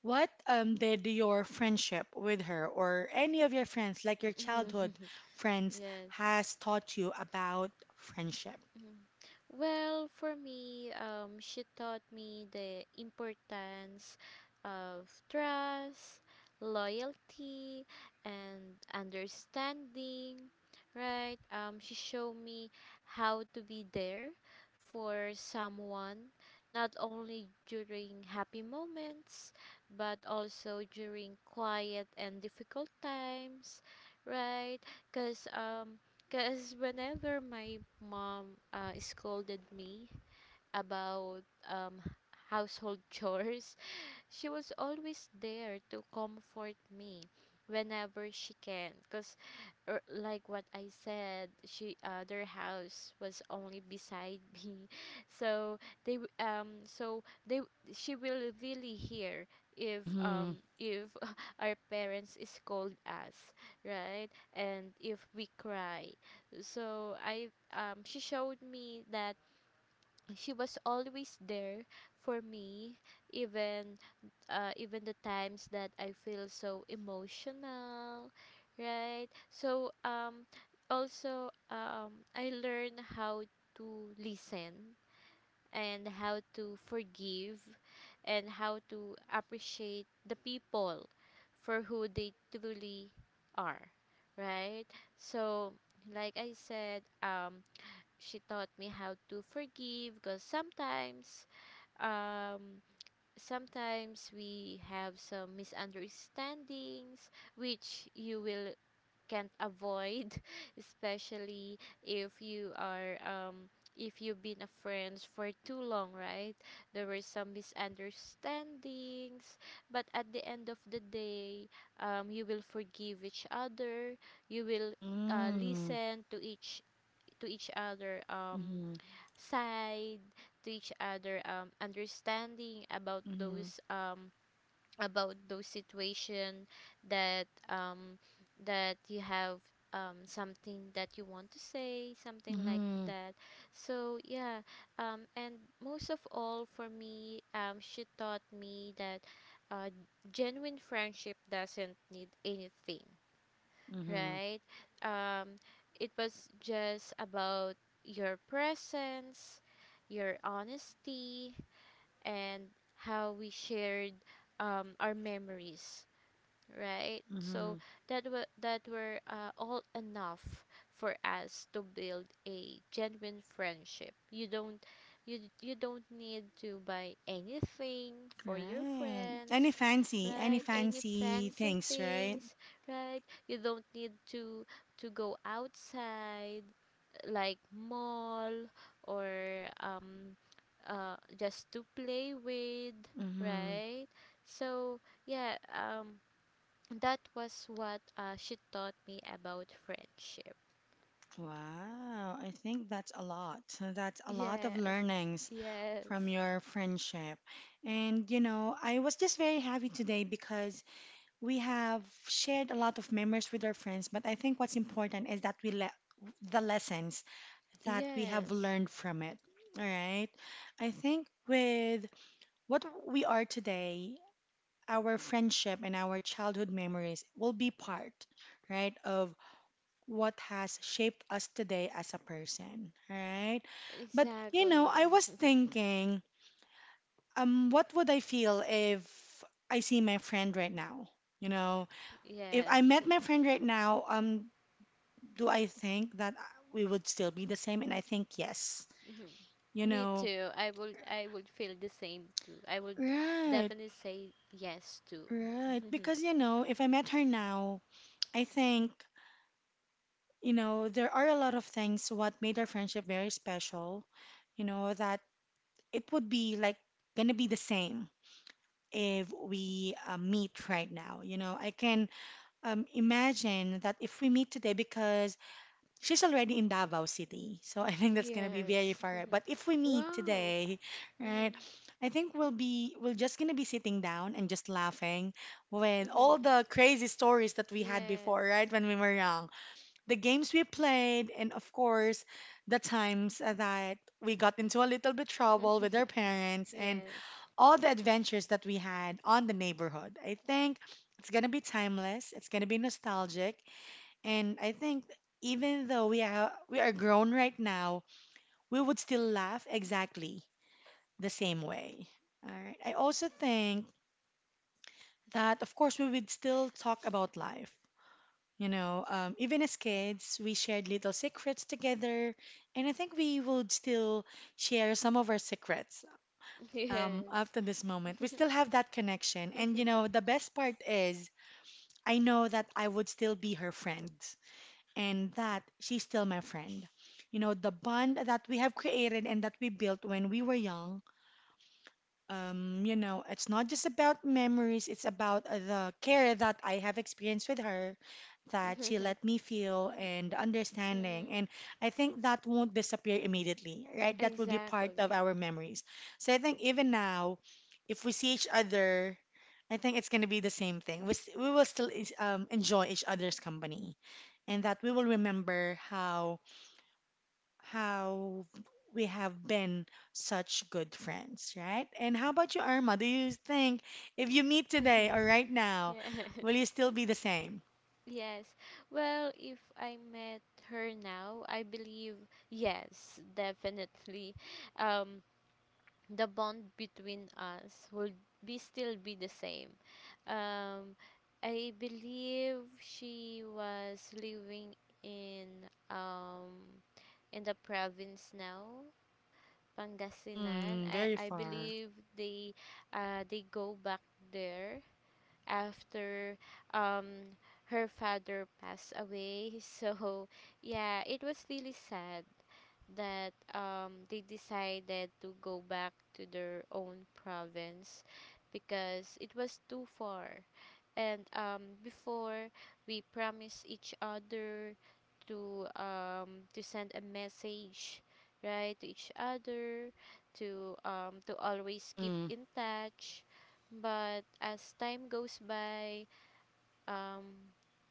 A: what did your friendship with her or any of your friends, like your childhood
B: [LAUGHS]
A: friends,
B: Yes.
A: has taught you about friendship?
B: Mhm. Well, for me, she taught me the importance of trust, loyalty, and understanding, right? She showed me how to be there for someone, not only during happy moments, but also during quiet and difficult times, right? Because um. Because whenever my mom scolded me about um, household [LAUGHS] chores, she was always there to comfort me whenever she can because like what I said she their house was only beside [LAUGHS] me so they w- so they she will really hear if
A: Mm-hmm.
B: [LAUGHS] our parents scold us, right? And if we cry, so I she showed me that she was always there for me, even even the times that I feel so emotional, right? So also I learned how to listen and how to forgive and how to appreciate the people for who they truly are, right? So like I said, she taught me how to forgive because sometimes, um sometimes we have some misunderstandings which you will can't avoid [LAUGHS] especially if you are if you've been a friends for too long, right? There were some misunderstandings, but at the end of the day, you will forgive each other, you will
A: Mm-hmm.
B: listen to each to each other,
A: Mm-hmm.
B: side to each other, understanding about
A: Mm-hmm.
B: those, about those situation, that that you have, something that you want to say, something like
A: Mm-hmm.
B: that. So yeah, and most of all for me, she taught me that, uh genuine friendship doesn't need anything, right? Um, it was just about your presence, your honesty, and how we shared, our memories, right?
A: Mm-hmm.
B: So that were all enough for us to build a genuine friendship. You don't you don't need to buy anything for your
A: Right.
B: friends,
A: Any
B: right? Any
A: fancy
B: fancy
A: things, right?
B: things, right? You don't need to go outside like mall or just to play with,
A: Mm-hmm.
B: right? So yeah, that was what she taught me about friendship.
A: Wow. I think that's a lot. So that's a lot of
B: Yes,
A: learnings from
B: yes,
A: your friendship. And, I was just very happy today because we have shared a lot of memories with our friends, but I think what's important is that we let the lessons that we have
B: yes,
A: learned from it. All right. I think with what we are today, our friendship and our childhood memories will be part, right, of what has shaped us today as a person, right? But
B: exactly.
A: I was
B: [LAUGHS]
A: thinking, what would I feel if I see my friend right now? You know, if I
B: Yes,
A: met my friend right now, do I think that we would still be the same? And I think yes.
B: mhm.
A: You
B: Me
A: know,
B: too. I would feel the same too. I would
A: right,
B: definitely say yes too.
A: right.
B: [LAUGHS]
A: Because if I met her now, I think there are a lot of things what made our friendship very special, that it would be like gonna be the same if we meet right now. You know, I can, imagine that if we meet today, because she's already in Davao City, so [LAUGHS] I think that's gonna be very
B: Yes.
A: far. But if we
B: [LAUGHS]
A: meet
B: Wow.
A: today, right,
B: Mhm.
A: I think we're just gonna be sitting down and just laughing with all
B: Mhm.
A: the crazy stories that we had before, right,
B: Yes.
A: when we were young, the games we played, and of course, the times that we got into a little bit trouble with our
B: [LAUGHS]
A: parents, and
B: Yes.
A: all the adventures that we had on the neighborhood. I think it's gonna be timeless. It's gonna be nostalgic, and I think even though we are grown right now, we would still laugh exactly the same way. All right. I also think that, of course, we would still talk about life. You know, even as kids, we shared little secrets together, and I think we would still share some of our secrets
B: [LAUGHS] Yes.
A: up to this moment. We still have that connection. And, you
B: [LAUGHS]
A: know, the best part is I know that I would still be her friend and that she's still my friend. You know, the bond that we have created and that we built when we were young it's not just about memories, it's about the care that I have experienced with her, that she
B: Mhm.
A: let me feel and the understanding. And I think that won't disappear immediately, right? That will be part of
B: Exactly.
A: our memories. So I think even now, if we see each other, I think it's going to be the same thing. We will still enjoy each other's company, and that we will remember how how we have been such good friends, right? And how about you, Irma? Do you think if you meet today or right
B: [LAUGHS]
A: now,
B: Yes,
A: will you still be the same?
B: yes. Well, if I met her now, I believe yes, definitely. Um, the bond between us would be still be the same. Um, I believe she was living in the province now, Pangasinan.
A: Mm,
B: I
A: very
B: I
A: far.
B: believe they go back there after um her father passed away. [LAUGHS] So yeah, it was really sad that they decided to go back to their own province because it was too far. And before, we promised each other to send a message, right, to each other, to always keep
A: Mm-hmm.
B: in touch, but as time goes by, um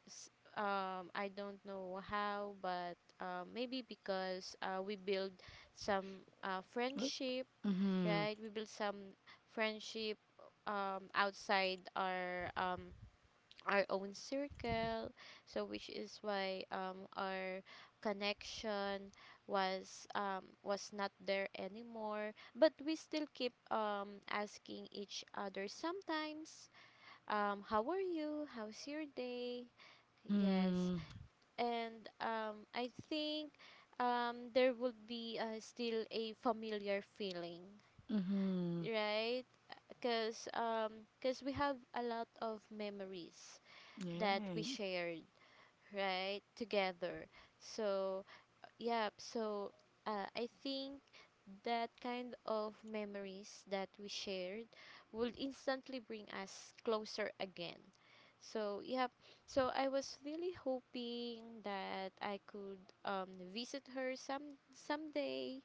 B: s- I don't know how, but maybe because we build some friendship,
A: Mm-hmm.
B: right? We build some friendship outside our own circle, so which is why our connection was not there anymore. But we still keep asking each other sometimes, how are you? How's your day? Yes,
A: Mm-hmm.
B: and I think there would be still a familiar feeling,
A: Mm-hmm.
B: right? Because 'cause we have a lot of memories that we
A: Yeah.
B: shared, right, together. So, yeah, so I think that kind of memories that we shared would instantly bring us closer again. So, yep. So, I was really hoping that I could, visit her some someday,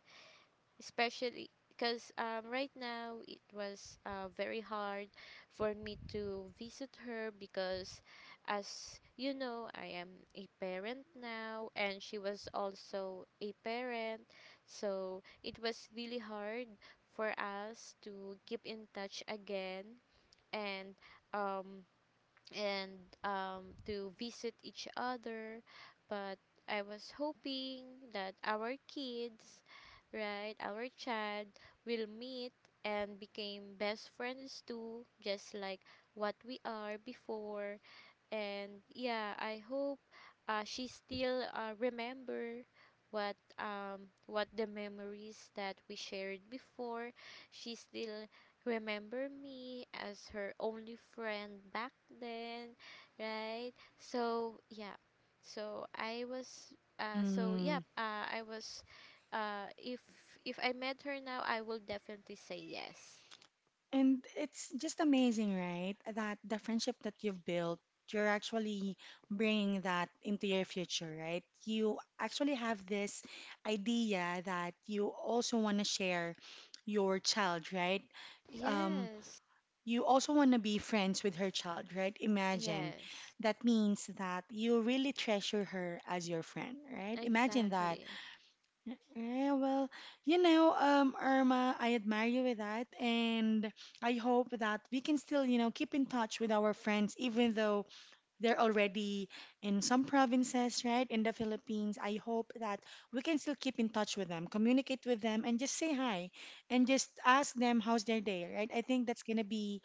B: especially because, right now it was very hard for me to visit her because as you know, I am a parent now, and she was also a parent, so it was really hard for us to keep in touch again, and um, and to visit each other. But I was hoping that our kids, right, our child will meet and became best friends too, just like what we are before. And yeah, I hope she still remember what what the memories that we shared before, she still remember me as her only friend back then, right? So yeah, so
A: Mm-hmm.
B: I was uh if if I met her now, I will definitely say yes.
A: And it's just amazing, right? That the friendship that you've built, you're actually bringing that into your future, right? You actually have this idea that you also want to share your child, right? Um,
B: Yes,
A: you also want to be friends with her child, right? Imagine.
B: yes,
A: That means that you really treasure her as your friend, right? Imagine that.
B: exactly.
A: Eh, well, you know, Irma, I admire you with that, and I hope that we can still, you know, keep in touch with our friends, even though they're already in some provinces, right, in the Philippines. I hope that we can still keep in touch with them, communicate with them, and just say hi, and just ask them how's their day, right? I think that's gonna be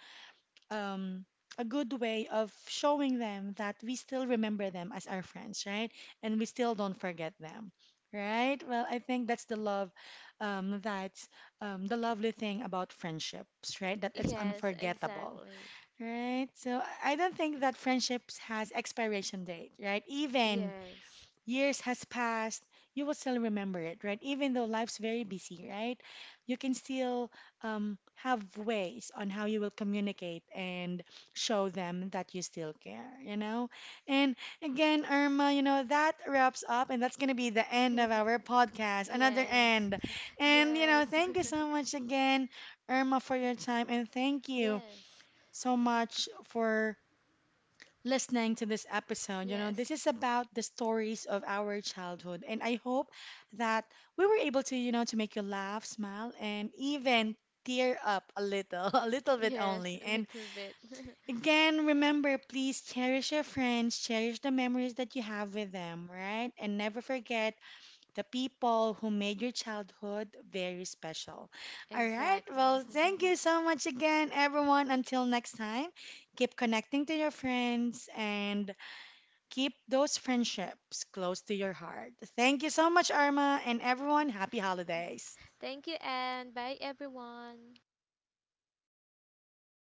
A: um, a good way of showing them that we still remember them as our friends, right? And we still don't forget them, right? Well, I think that's the love, that's the lovely thing about friendships, right? That it's
B: Yes,
A: unforgettable,
B: exactly.
A: right? So I don't think that friendships has expiration date, right? Even
B: Yes.
A: years has passed, you will still remember it, right? Even though life's very busy, right? You can still have ways on how you will communicate and show them that you still care, you know? And again, Irma, you know, that wraps up, and that's going to be the end of
B: [LAUGHS]
A: our podcast, another
B: Yes.
A: end.
B: [LAUGHS]
A: And, you
B: Yes.
A: know, thank you so
B: [LAUGHS]
A: much again, Irma, for your time, and thank you
B: Yes.
A: so much for listening to this episode. You know,
B: Yes.
A: this is about the stories of our childhood, and I hope that we were able to, you know, to make you laugh, smile, and even tear up a little, [LAUGHS] a little bit
B: Yes,
A: only.
B: a
A: And
B: little bit. [LAUGHS]
A: again, remember, please cherish your friends, cherish the memories that you have with them, right? And never forget the people who made your childhood very special. All right,
B: Exactly.
A: well, thank you
B: [LAUGHS]
A: so much again, everyone. Until next time, keep connecting to your friends and keep those friendships close to your heart. Thank you so much, Arma, and everyone, happy holidays.
B: Thank you and bye everyone.